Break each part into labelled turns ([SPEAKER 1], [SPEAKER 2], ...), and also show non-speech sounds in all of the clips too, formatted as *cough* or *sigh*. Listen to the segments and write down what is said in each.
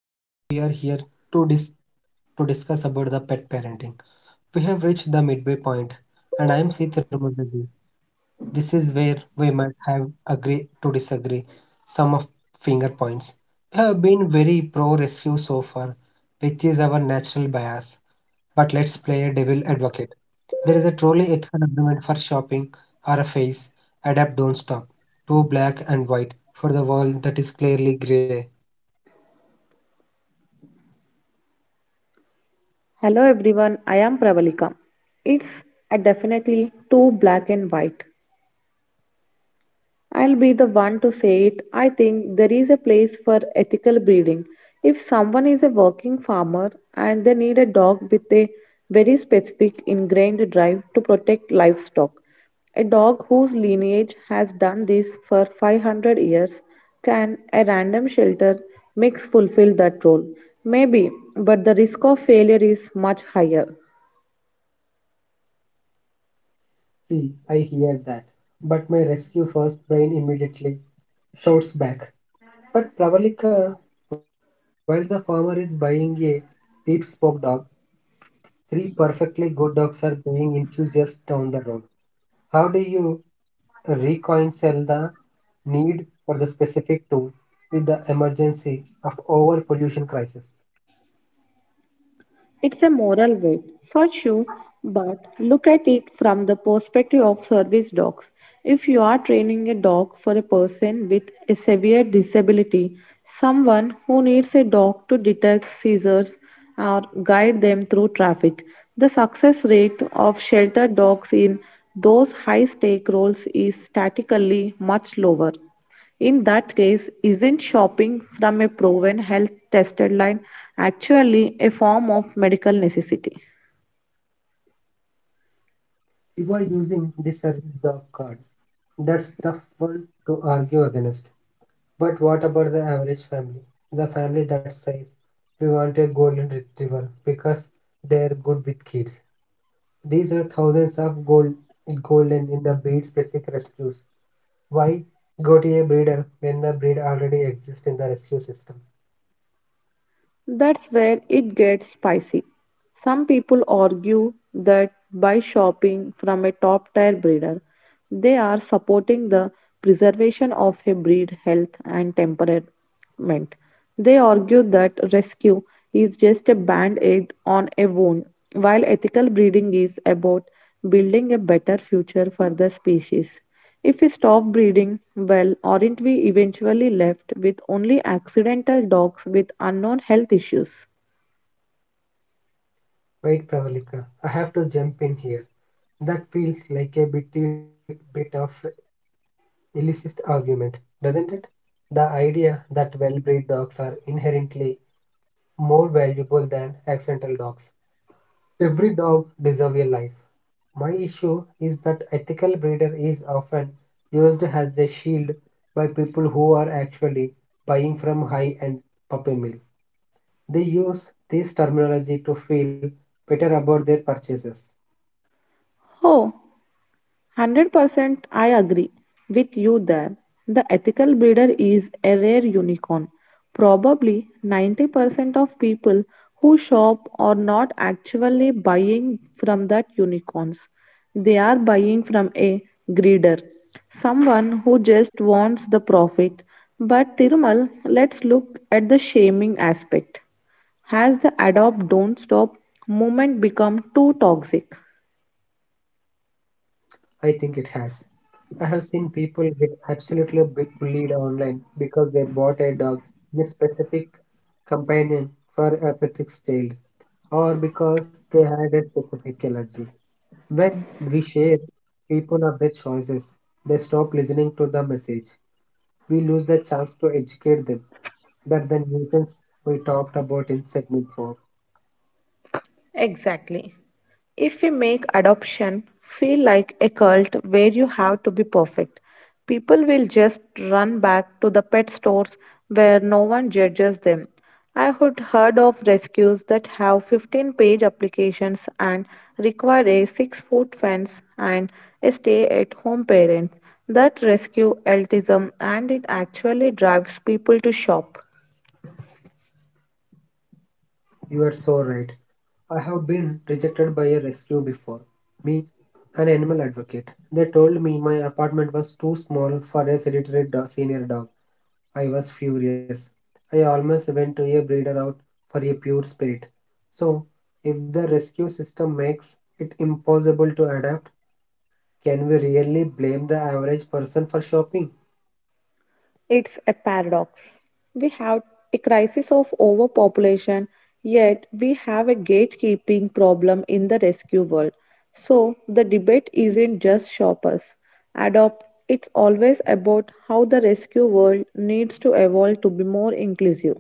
[SPEAKER 1] Hello everyone. Today we are here to dis- to discuss about the pet parenting. We have reached the midway point, and I am Sita Ramadadi. This is where we might have agree to disagree some of finger points. We have been very pro rescue so far, which is our natural bias. But let's play a devil advocate. There is a truly ethical argument for shopping or a face. Adapt, don't stop. Too black and white for the world that is clearly grey.
[SPEAKER 2] Hello everyone, I am Pravalika. It's a definitely too black and white. I'll be the one to say it. I think there is a place for ethical breeding. If someone is a working farmer and they need a dog with a very specific ingrained drive to protect livestock, a dog whose lineage has done this for 500 years, can a random shelter mix fulfill that role? Maybe, but the risk of failure is much higher.
[SPEAKER 1] See, I hear that. But my rescue first brain immediately shouts back. But Pravalika, while the farmer is buying a deep spoke dog, three perfectly good dogs are being enthusiastic down the road. How do you reconcile the need for the specific tool with the emergency of over pollution crisis?
[SPEAKER 2] It's a moral weight, for sure, but look at it from the perspective of service dogs. If you are training a dog for a person with a severe disability, someone who needs a dog to detect seizures or guide them through traffic, the success rate of shelter dogs in those high stake roles is statistically much lower. In that case, isn't shopping from a proven health tested line actually a form of medical necessity?
[SPEAKER 1] You are using the service dog card. That's the one to argue against. But what about the average family? The family that says, we want a golden retriever because they're good with kids. These are thousands of golden in the breed's basic rescues. Why go to a breeder when the breed already exists in the rescue system?
[SPEAKER 2] That's where it gets spicy. Some people argue that by shopping from a top tier breeder, they are supporting the preservation of a breed health and temperament. They argue that rescue is just a band aid on a wound, while ethical breeding is about building a better future for the species. If we stop breeding, well, aren't we eventually left with only accidental dogs with unknown health issues?
[SPEAKER 1] Wait, Pravalika, I have to jump in here. That feels like a bit of illicit argument, doesn't it? The idea that well bred dogs are inherently more valuable than accidental dogs. Every dog deserves a life. My issue is that ethical breeder is often used as a shield by people who are actually buying from high-end puppy mills. They use this terminology to feel better about their purchases.
[SPEAKER 2] Oh, 100% I agree with you there. The ethical breeder is a rare unicorn. Probably 90% of people who shop are not actually buying from that unicorns. They are buying from a greeder, someone who just wants the profit. But Tirumal, let's look at the shaming aspect. Has the adopt don't stop movement become too toxic?
[SPEAKER 1] I think it has. I have seen people get absolutely bullied online because they bought a dog in a specific companion for a pet child or because they had a specific allergy. When we share people of their choices, they stop listening to the message. We lose the chance to educate them. That the nuisance we talked about in segment 4.
[SPEAKER 2] Exactly. If we make adoption feel like a cult where you have to be perfect, people will just run back to the pet stores where no one judges them. I had heard of rescues that have 15-page applications and require a 6-foot fence and a stay at home parent. That rescue elitism and it actually drives people to shop.
[SPEAKER 1] You are so right. I have been rejected by a rescue before. Me an animal advocate. They told me my apartment was too small for a sedentary senior dog. I was furious. I almost went to a breeder out for a pure spirit. So, if the rescue system makes it impossible to adapt, can we really blame the average person for shopping?
[SPEAKER 2] It's a paradox. We have a crisis of overpopulation, yet we have a gatekeeping problem in the rescue world. So the debate isn't just shoppers. Adopt, it's always about how the rescue world needs to evolve to be more inclusive.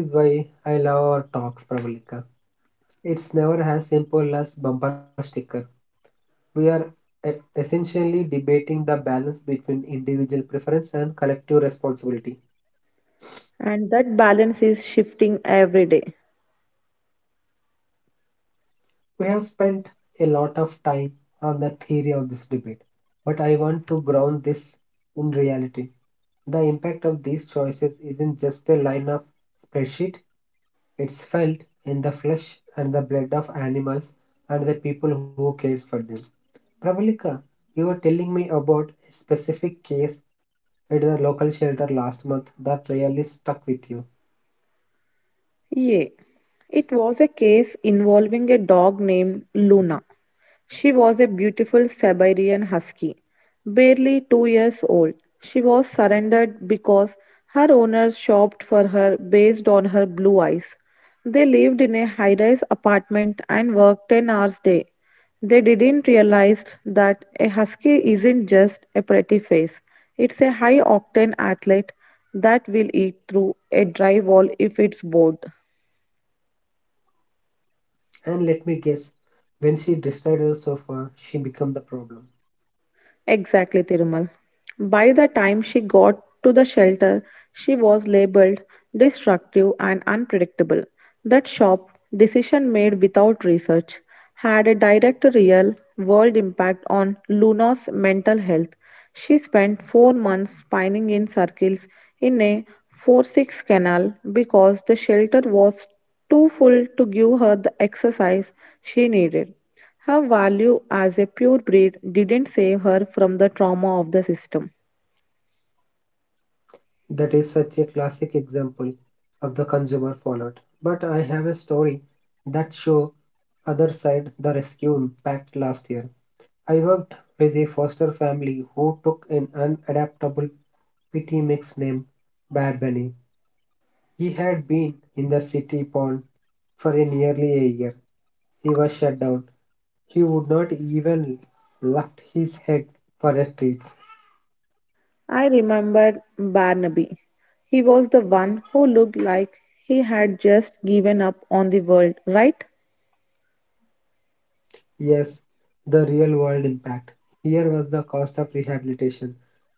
[SPEAKER 1] This is why I love our talks, Pramalika. It's never as simple as bumper sticker. We are essentially debating the balance between individual preference and collective responsibility.
[SPEAKER 2] And that balance is shifting every day.
[SPEAKER 1] We have spent a lot of time on the theory of this debate, but I want to ground this in reality. The impact of these choices isn't just a line of spreadsheet, it's felt in the flesh and the blood of animals and the people who cares for them. Pravalika, you were telling me about a specific case at the local shelter last month that really stuck with you.
[SPEAKER 2] Yeah. It was a case involving a dog named Luna. She was a beautiful Siberian husky, barely 2 years old. She was surrendered because her owners shopped for her based on her blue eyes. They lived in a high rise apartment and worked 10 hours a day. They didn't realize that a husky isn't just a pretty face, it's a high octane athlete that will eat through a drywall if it's bored.
[SPEAKER 1] And let me guess, when she decided so far, she became the problem.
[SPEAKER 2] Exactly, Tirumal. By the time she got to the shelter, she was labeled destructive and unpredictable. That sharp decision made without research, had a direct real world impact on Luna's mental health. She spent 4 months spinning in circles in a 4 6 canal because the shelter was too full to give her the exercise she needed. Her value as a purebred didn't save her from the trauma of the system.
[SPEAKER 1] That is such a classic example of the consumer fallout. But I have a story that show other side the rescue impact last year. I worked with a foster family who took an unadaptable PT mix named Bad Bunny. He had been in the city pond for a nearly a year. He was shut down. He would not even lift his head for a treat.
[SPEAKER 2] I remembered Barnaby. He was the one who looked like he had just given up on the world, right?
[SPEAKER 1] Yes, the real world impact. Here was the cost of rehabilitation.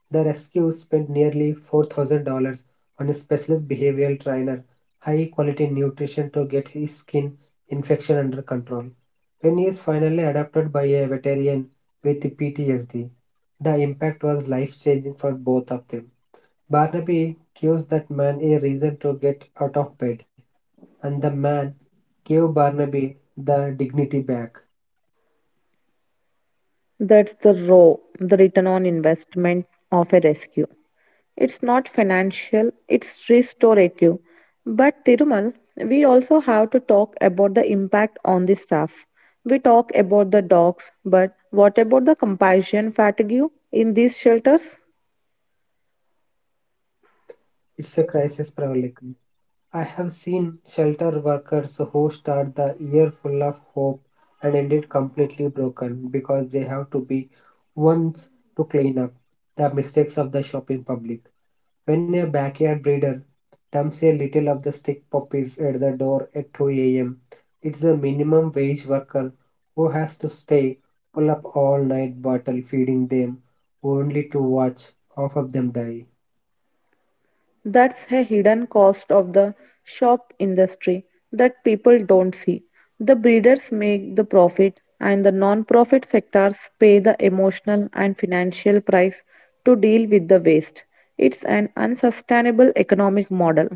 [SPEAKER 1] The rescue spent nearly $4,000 on a specialist behavioral trainer, high quality nutrition to get his skin infection under control. When he is finally adopted by a veteran with PTSD, the impact was life changing for both of them. Barnaby gives that man a reason to get out of bed, and the man gave Barnaby the dignity back.
[SPEAKER 2] That's the raw, the return on investment of a rescue. It's not financial, it's restorative. But Tirumal, we also have to talk about the impact on the staff. We talk about the dogs, but what about the compassion fatigue in these shelters?
[SPEAKER 1] It's a crisis probably. I have seen shelter workers who start the year full of hope and end it completely broken because they have to be ones to clean up the mistakes of the shop in public. When a backyard breeder dumps a little of the stick puppies at the door at 2 a.m., it's a minimum wage worker who has to stay pull up all night bottle feeding them only to watch half of them die.
[SPEAKER 2] That's a hidden cost of the shop industry that people don't see. The breeders make the profit, and the non-profit sectors pay the emotional and financial price to deal with the waste. It's an unsustainable economic model.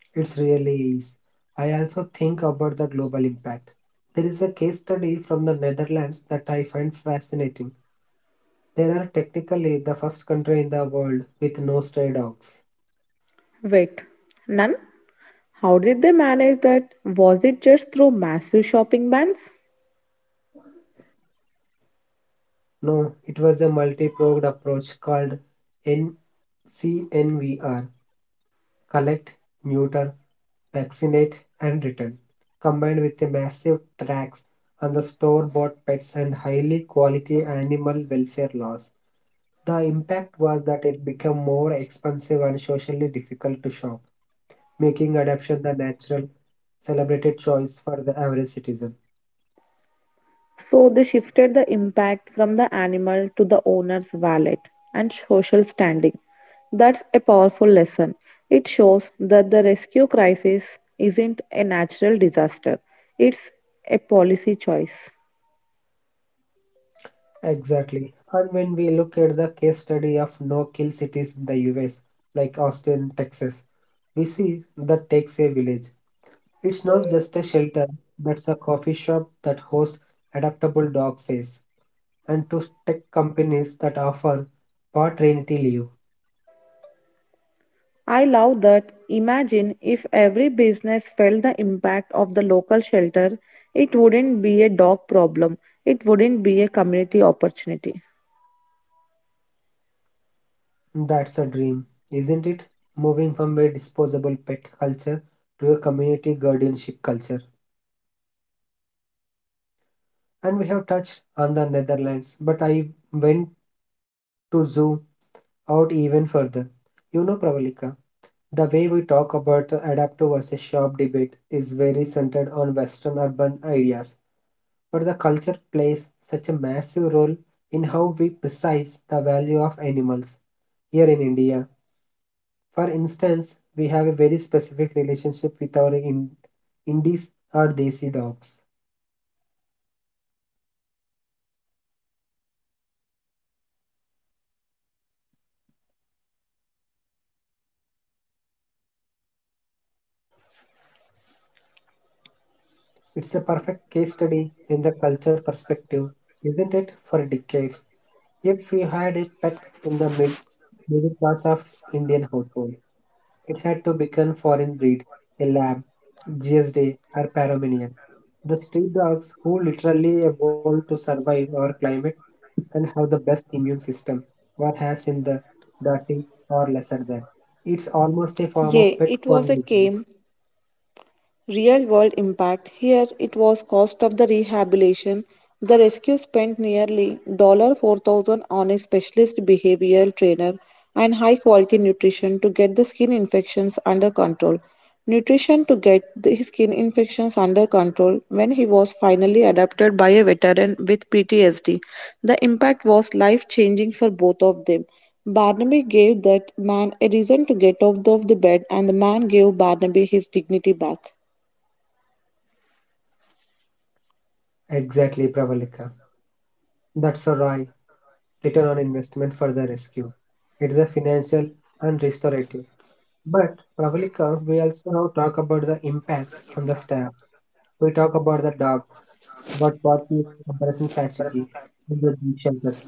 [SPEAKER 1] It's really is. I also think about the global impact. There is a case study from the Netherlands that I find fascinating. They are technically the first country in the world with no stray dogs.
[SPEAKER 2] Wait, none? How did they manage that? Was it just through massive shopping bans?
[SPEAKER 1] No, it was a multi-pronged approach called NCNVR. Collect, neuter, vaccinate, and return, combined with a massive tax on the store bought pets and highly quality animal welfare laws. The impact was that it became more expensive and socially difficult to shop, making adoption the natural, celebrated choice for the average citizen.
[SPEAKER 2] So they shifted the impact from the animal to the owner's wallet and social standing. That's a powerful lesson. It shows that the rescue crisis isn't a natural disaster, it's a policy choice.
[SPEAKER 1] Exactly. And when we look at the case study of no kill cities in the US, like Austin, Texas, we see that takes a village. It's not just a shelter, that's a coffee shop that hosts adaptable dog says, and to tech companies that offer part rentee leave.
[SPEAKER 2] I love that. Imagine if every business felt the impact of the local shelter, it wouldn't be a dog problem, it wouldn't be a community opportunity.
[SPEAKER 1] That's a dream, isn't it? Moving from a disposable pet culture to a community guardianship culture. And we have touched on the Netherlands, but I went to zoom out even further. You know, Pravalika, the way we talk about the adaptive versus shop debate is very centered on Western urban ideas, but the culture plays such a massive role in how we precise the value of animals. Here in India, for instance, we have a very specific relationship with our Indies or Desi dogs. It's a perfect case study in the culture perspective, isn't it? For decades, if we had a pet in the middle class of Indian household. It had to become foreign breed, a lab, GSD, or Pomeranian. The street dogs who literally evolved to survive our climate and have the best immune system one has in the dirty or lesser than. It's almost a form of
[SPEAKER 2] Yeah,
[SPEAKER 1] pet
[SPEAKER 2] it was a
[SPEAKER 1] conversion.
[SPEAKER 2] game. Real world impact here it was cost of the rehabilitation. The rescue spent nearly 4,000 on a specialist behavioral trainer and high quality nutrition to get the skin infections under control. Nutrition to get the skin infections under control when he was finally adopted by a veteran with PTSD. The impact was life changing for both of them. Barnaby gave that man a reason to get out of the bed, and the man gave Barnaby his dignity back.
[SPEAKER 1] Exactly, Pravalika. That's a right return on investment for the rescue. It's a financial and restorative. But, Pravalika, we also now talk about the impact on the staff. We talk about the dogs, but what the comparison fatigue in the beach shelters?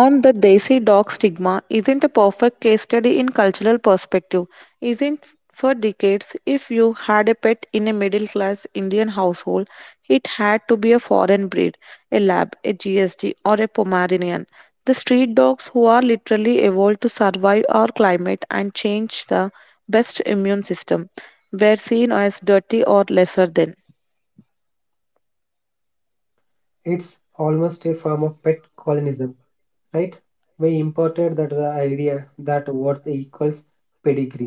[SPEAKER 2] On the Desi dog stigma isn't a perfect case study in cultural perspective. Isn't for decades, if you had a pet in a middle class Indian household, it had to be a foreign breed, a lab, a GSD, or a Pomeranian. The street dogs who are literally evolved to survive our climate and change the best immune system were seen as dirty or lesser than.
[SPEAKER 1] It's almost a form of pet colonialism, right? We imported that the idea that worth equals pedigree.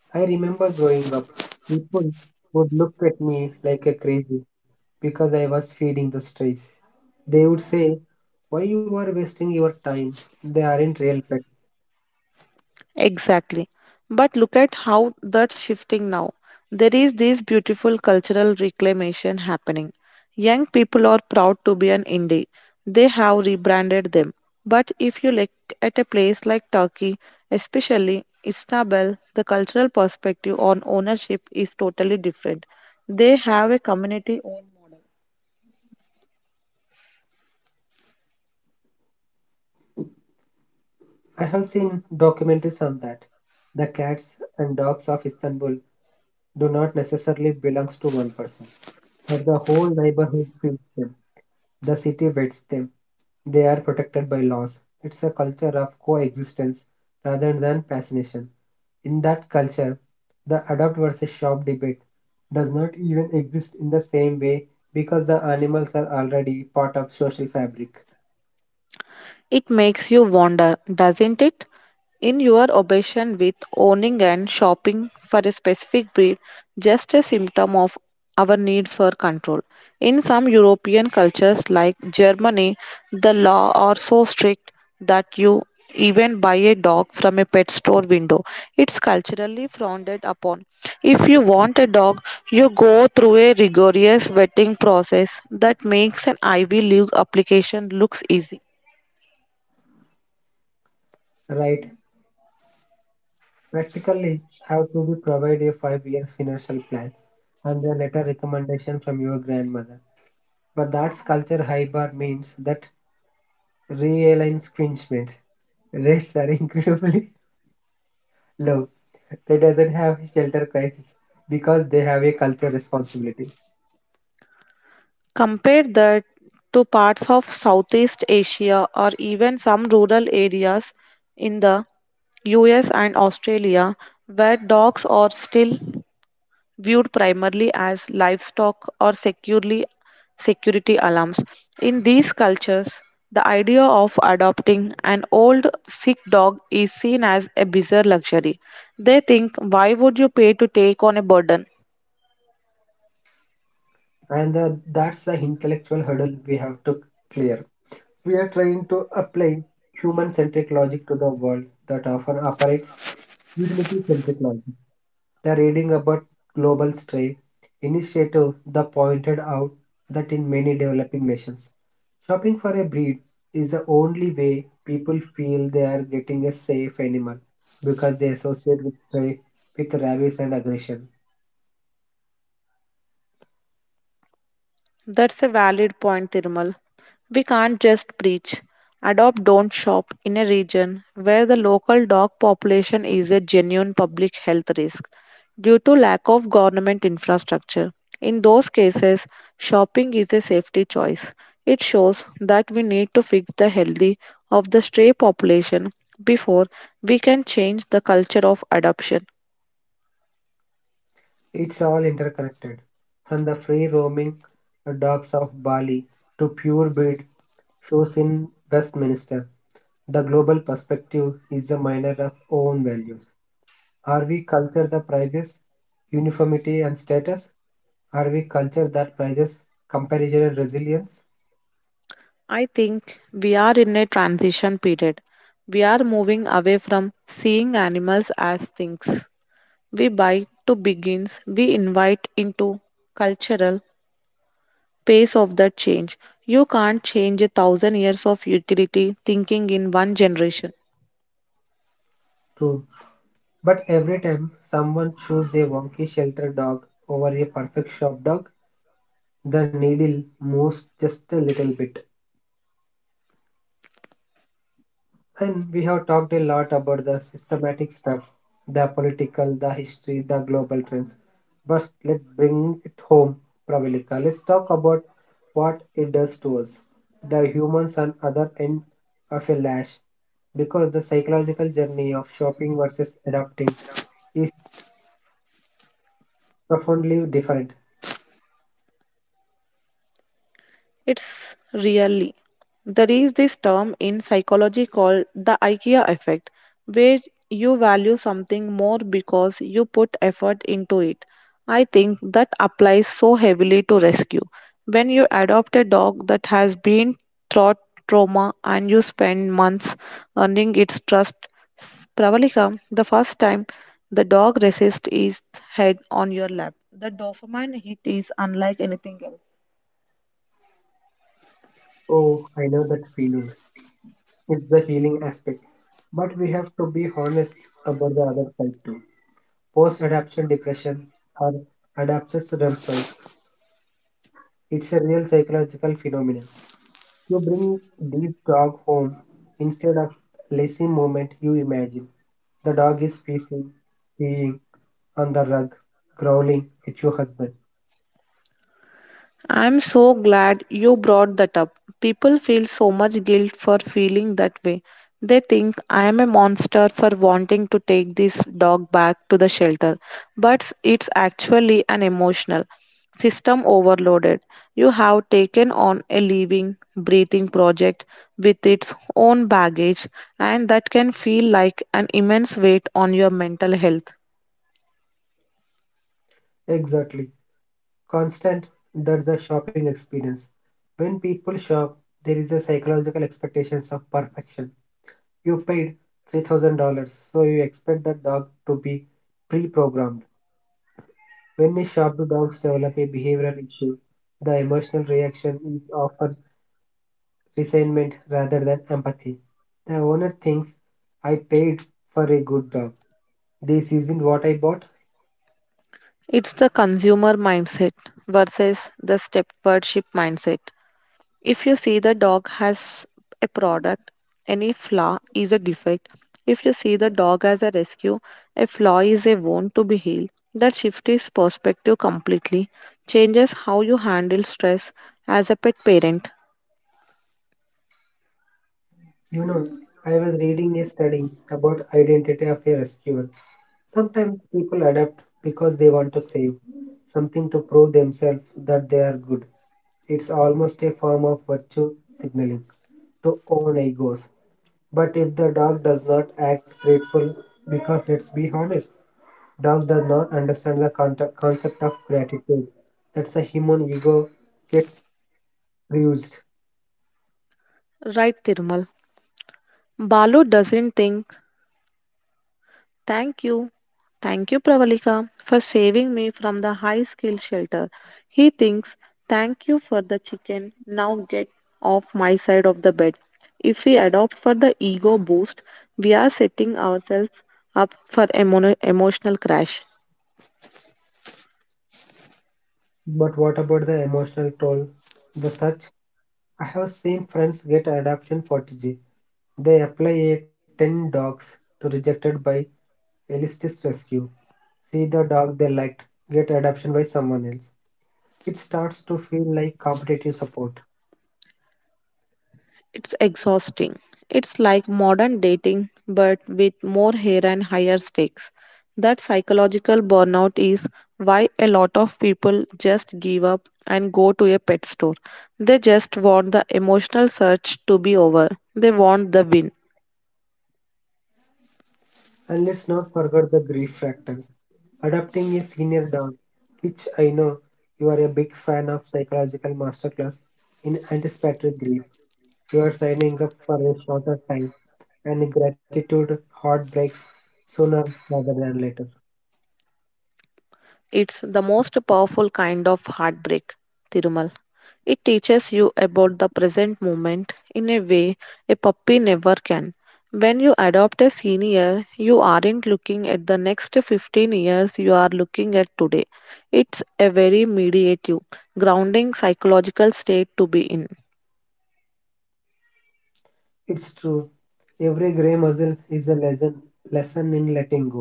[SPEAKER 1] I remember growing up, people would look at me like a crazy because I was feeding the strays. They would say, "Why you are wasting your time? They aren't real pets."
[SPEAKER 2] Exactly. But look at how that's shifting now. There is this beautiful cultural reclamation happening. Young people are proud to be an indie. They have rebranded them. But if you look at a place like Turkey, especially Istanbul, the cultural perspective on ownership is totally different. They have a community.
[SPEAKER 1] I have seen documentaries on that. The cats and dogs of Istanbul do not necessarily belong to one person, but the whole neighborhood feeds them. The city vets them. They are protected by laws. It's a culture of coexistence rather than fascination. In that culture, the adopt versus shop debate does not even exist in the same way because the animals are already part of social fabric,
[SPEAKER 2] It makes you wonder, doesn't it? In your obsession with owning and shopping for a specific breed, just a symptom of our need for control. In some European cultures like Germany, the law are so strict that you even buy a dog from a pet store window. It's culturally frowned upon. If you want a dog, you go through a rigorous vetting process that makes an Ivy League application looks easy.
[SPEAKER 1] right? Practically, have to be provide a 5 years financial plan and a letter recommendation from your grandmother. But that's culture high bar means that realigns cringement. Rates are *laughs* incredibly low. They doesn't have shelter crisis because they have a culture responsibility.
[SPEAKER 2] Compare that to parts of Southeast Asia or even some rural areas in the US and Australia, where dogs are still viewed primarily as livestock or securely security alarms. In these cultures, the idea of adopting an old sick dog is seen as a bizarre luxury. They think, why would you pay to take on a burden?
[SPEAKER 1] And That's the intellectual hurdle we have to clear. We are trying to apply human-centric logic to the world that often operates utility-centric logic. The reading about Global Stray initiative that pointed out that in many developing nations, shopping for a breed is the only way people feel they are getting a safe animal because they associate with stray with rabies and aggression.
[SPEAKER 2] That's a valid point, Thirmal. We can't just preach. Adopt Don't Shop in a region where the local dog population is a genuine public health risk due to lack of government infrastructure. In those cases, shopping is a safety choice. It shows that we need to fix the healthy of the stray population before we can change the culture of adoption.
[SPEAKER 1] It's all interconnected. From the free roaming dogs of Bali to purebred shows in Westminster, the global perspective is a miner of own values. Are we culture that prizes uniformity and status? Are we culture that prizes comparison and resilience?
[SPEAKER 2] I think we are in a transition period. We are moving away from seeing animals as things we buy to begins we invite into cultural pace of the change. You can't change a 1,000 years of utility thinking in one generation.
[SPEAKER 1] True. But every time someone chooses a wonky shelter dog over a perfect shop dog, the needle moves just a little bit. And we have talked a lot about the systematic stuff, the political, the history, the global trends. But let's bring it home, Pravalika. Let's talk about what it does to us, the humans on other end of a lash. Because the psychological journey of shopping versus adapting is profoundly different.
[SPEAKER 2] It's really. There is this term in psychology called the IKEA effect, where you value something more because you put effort into it. I think that applies so heavily to rescue. When you adopt a dog that has been through trauma and you spend months earning its trust, Pravalika, the first time the dog rests its head on your lap, the dopamine hit is unlike anything else.
[SPEAKER 1] Oh, I know that feeling. It's the healing aspect. But we have to be honest about the other side too. Post adaptation depression, or adaptation syndrome. It's a real psychological phenomenon. You bring this dog home instead of lazy moment you imagine. The dog is pacing, peeing on the rug, growling at your husband.
[SPEAKER 2] I'm so glad you brought that up. People feel so much guilt for feeling that way. They think I am a monster for wanting to take this dog back to the shelter, but it's actually an emotional system overloaded. You have taken on a living, breathing project with its own baggage, and that can feel like an immense weight on your mental health.
[SPEAKER 1] Exactly. Constant that the shopping experience. When people shop, there is a psychological expectations of perfection. You paid $3,000, so you expect the dog to be pre programmed. When a sharp dogs develop a behavioral issue, the emotional reaction is often resentment rather than empathy. The owner thinks, I paid for a good dog. This isn't what I bought.
[SPEAKER 2] It's the consumer mindset versus the stewardship mindset. If you see the dog has a product, any flaw is a defect. If you see the dog as a rescue, a flaw is a wound to be healed. That shift is perspective completely, changes how you handle stress as a pet parent.
[SPEAKER 1] You know, I was reading a study about identity of a rescuer. Sometimes people adapt because they want to save something to prove themselves that they are good. It's almost a form of virtue signaling to own egos. But if the dog does not act grateful, because let's be honest, dogs does not understand the concept of gratitude. That's a human ego gets bruised.
[SPEAKER 2] Right, Tirmal. Balu doesn't think thank you. Thank you, Pravalika, for saving me from the high skill shelter. He thinks, thank you for the chicken. Now get off my side of the bed. If we adopt for the ego boost, we are setting ourselves up for emotional crash.
[SPEAKER 1] But what about the emotional toll? The such I have seen friends get adoption fatigue. They apply a 10 dogs to rejected by Elistis Rescue. See the dog they liked get adoption by someone else. It starts to feel like competitive support.
[SPEAKER 2] It's exhausting. It's like modern dating, but with more hair and higher stakes. That psychological burnout is why a lot of people just give up and go to a pet store. They just want the emotional search to be over, they want the win.
[SPEAKER 1] And let's not forget the grief factor. Adapting a senior dog, which I know you are a big fan of psychological masterclass in anticipatory grief. You are signing up for a shorter time and gratitude heartbreaks sooner rather than later.
[SPEAKER 2] It's the most powerful kind of heartbreak, Tirumal. It teaches you about the present moment in a way a puppy never can. When you adopt a senior, you aren't looking at the next 15 years, you are looking at today. It's a very mediative, grounding psychological state to be in.
[SPEAKER 1] It's true. Every gray muzzle is a lesson in letting go.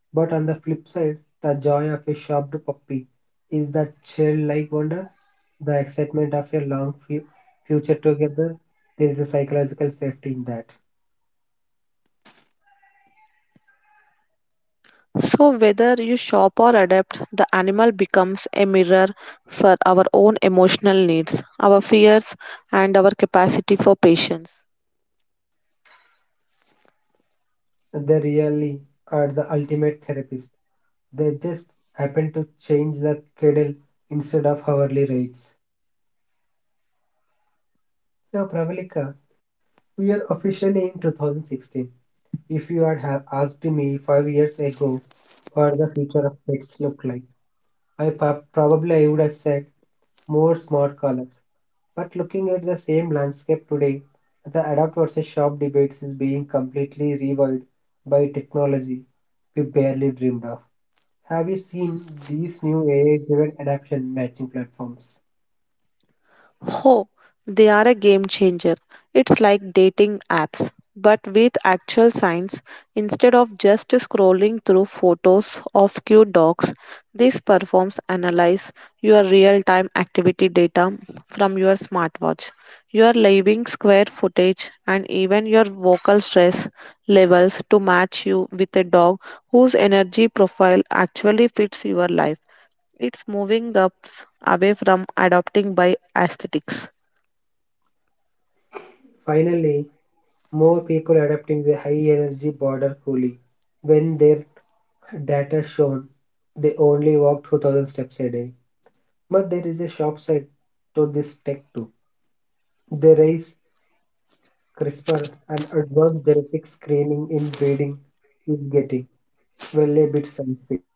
[SPEAKER 1] But on the flip side, the joy of a shopped puppy is that childlike wonder, the excitement of a future together. There is a psychological safety in that.
[SPEAKER 2] So, whether you shop or adapt, the animal becomes a mirror for our own emotional needs, our fears, and our capacity for patience.
[SPEAKER 1] They really are the ultimate therapist. They just happen to change the cadle instead of hourly rates. So, Pravalika, we are officially in 2016. If you had asked me 5 years ago what the future of pets look like, I probably I would have said more smart colors. But looking at the same landscape today, the adapt versus shop debates is being completely reviled by technology we barely dreamed of. Have you seen these new AI driven adaptation matching platforms?
[SPEAKER 2] Oh, they are a game changer. It's like dating apps, but with actual science. Instead of just scrolling through photos of cute dogs, this performs analyze your real time activity data from your smartwatch, your living square footage, and even your vocal stress levels to match you with a dog whose energy profile actually fits your life. It's moving us away from adopting by aesthetics.
[SPEAKER 1] Finally, more people adopting the high energy border coolie. When their data shown, they only walk 2,000 steps a day. But there is a shop side to this tech too. They raise CRISPR and advanced genetic screening in breeding is getting, well, a bit scientific.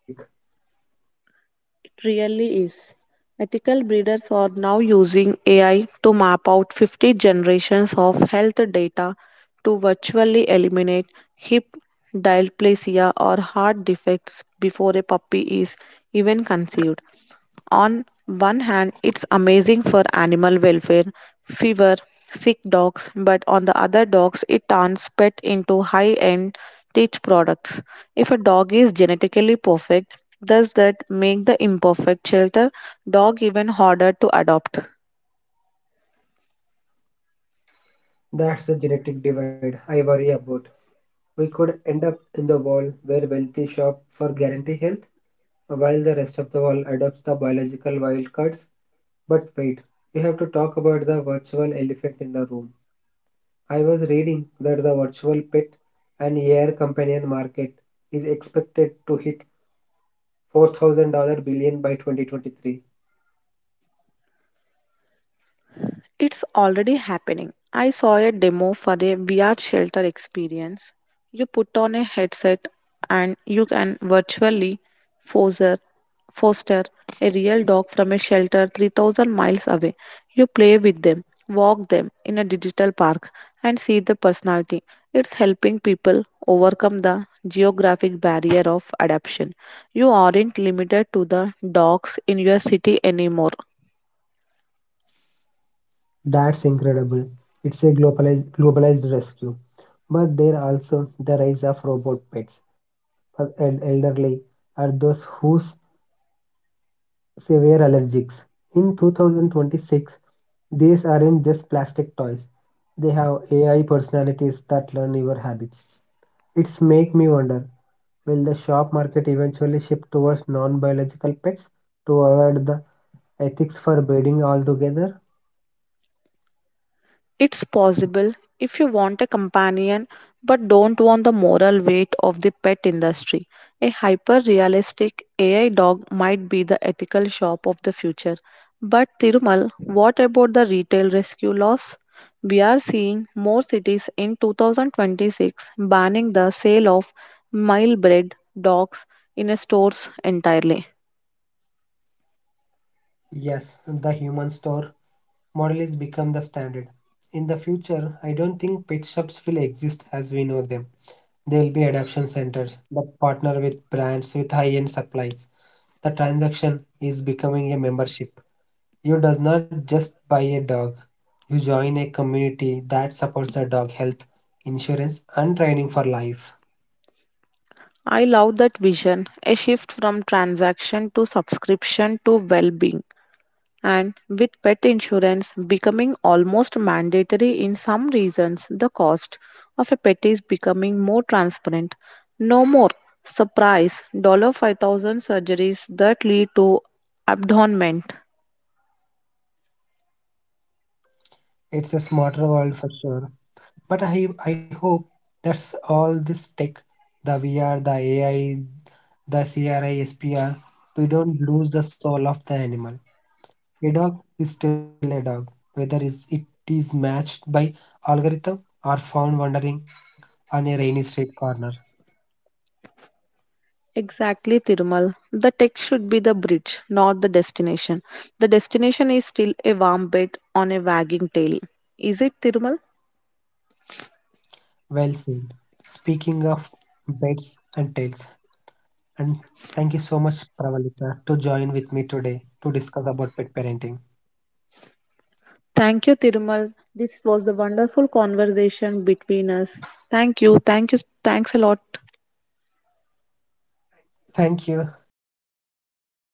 [SPEAKER 2] It really is. Ethical breeders are now using AI to map out 50 generations of health data to virtually eliminate hip dysplasia or heart defects before a puppy is even conceived. On one hand, it's amazing for animal welfare, fever, sick dogs, but on the other dogs, it turns pet into high-end teach products. If a dog is genetically perfect, does that make the imperfect shelter dog even harder to adopt?
[SPEAKER 1] That's the genetic divide I worry about. We could end up in the world where wealthy shop for guarantee health while the rest of the world adopts the biological wild cards. But wait, we have to talk about the virtual elephant in the room. I was reading that the virtual pet and AI companion market is expected to hit $4,000 billion dollar billion by 2023.
[SPEAKER 2] It's already happening. I saw a demo for a VR shelter experience. You put on a headset and you can virtually foster, foster a real dog from a shelter 3,000 miles away. You play with them, walk them in a digital park, and see the personality. It's helping people overcome the geographic barrier of adoption. You aren't limited to the dogs in your city anymore.
[SPEAKER 1] That's incredible. It's a globalized rescue. But there also the rise of robot pets for elderly or those who severe allergics. In 2026, these aren't just plastic toys. They have AI personalities that learn your habits. It's make me wonder, will the shop market eventually shift towards non-biological pets to avoid the ethics for breeding altogether?
[SPEAKER 2] It's possible if you want a companion but don't want the moral weight of the pet industry. A hyper realistic AI dog might be the ethical shop of the future. But Thirumal, what about the retail rescue laws? We are seeing more cities in 2026 banning the sale of mild bred dogs in stores entirely.
[SPEAKER 1] Yes, the human store model is become the standard. In the future, I don't think pet shops will exist as we know them. There will be adoption centers that partner with brands with high-end supplies. The transaction is becoming a membership. You does not just buy a dog. You join a community that supports the dog health, insurance, and training for life.
[SPEAKER 2] I love that vision, a shift from transaction to subscription to well being. And with pet insurance becoming almost mandatory in some regions, the cost of a pet is becoming more transparent. No more surprise 5,000 surgeries that lead to abandonment.
[SPEAKER 1] It's a smarter world for sure. But I hope that's all this tech, the VR, the AI, the CRISPR, we don't lose the soul of the animal. A dog is still a dog, whether it is matched by algorithm or found wandering on a rainy street corner.
[SPEAKER 2] Exactly, Tirumal. The tech should be the bridge, not the destination. The destination is still a warm bed on a wagging tail. Is it, Tirumal?
[SPEAKER 1] Well said. Speaking of beds and tails, and thank you so much, Pravalika, to join with me today to discuss about pet parenting.
[SPEAKER 2] Thank you, Tirumal. This was the wonderful conversation between us. Thank you. Thank you. Thanks a lot.
[SPEAKER 1] Thank you.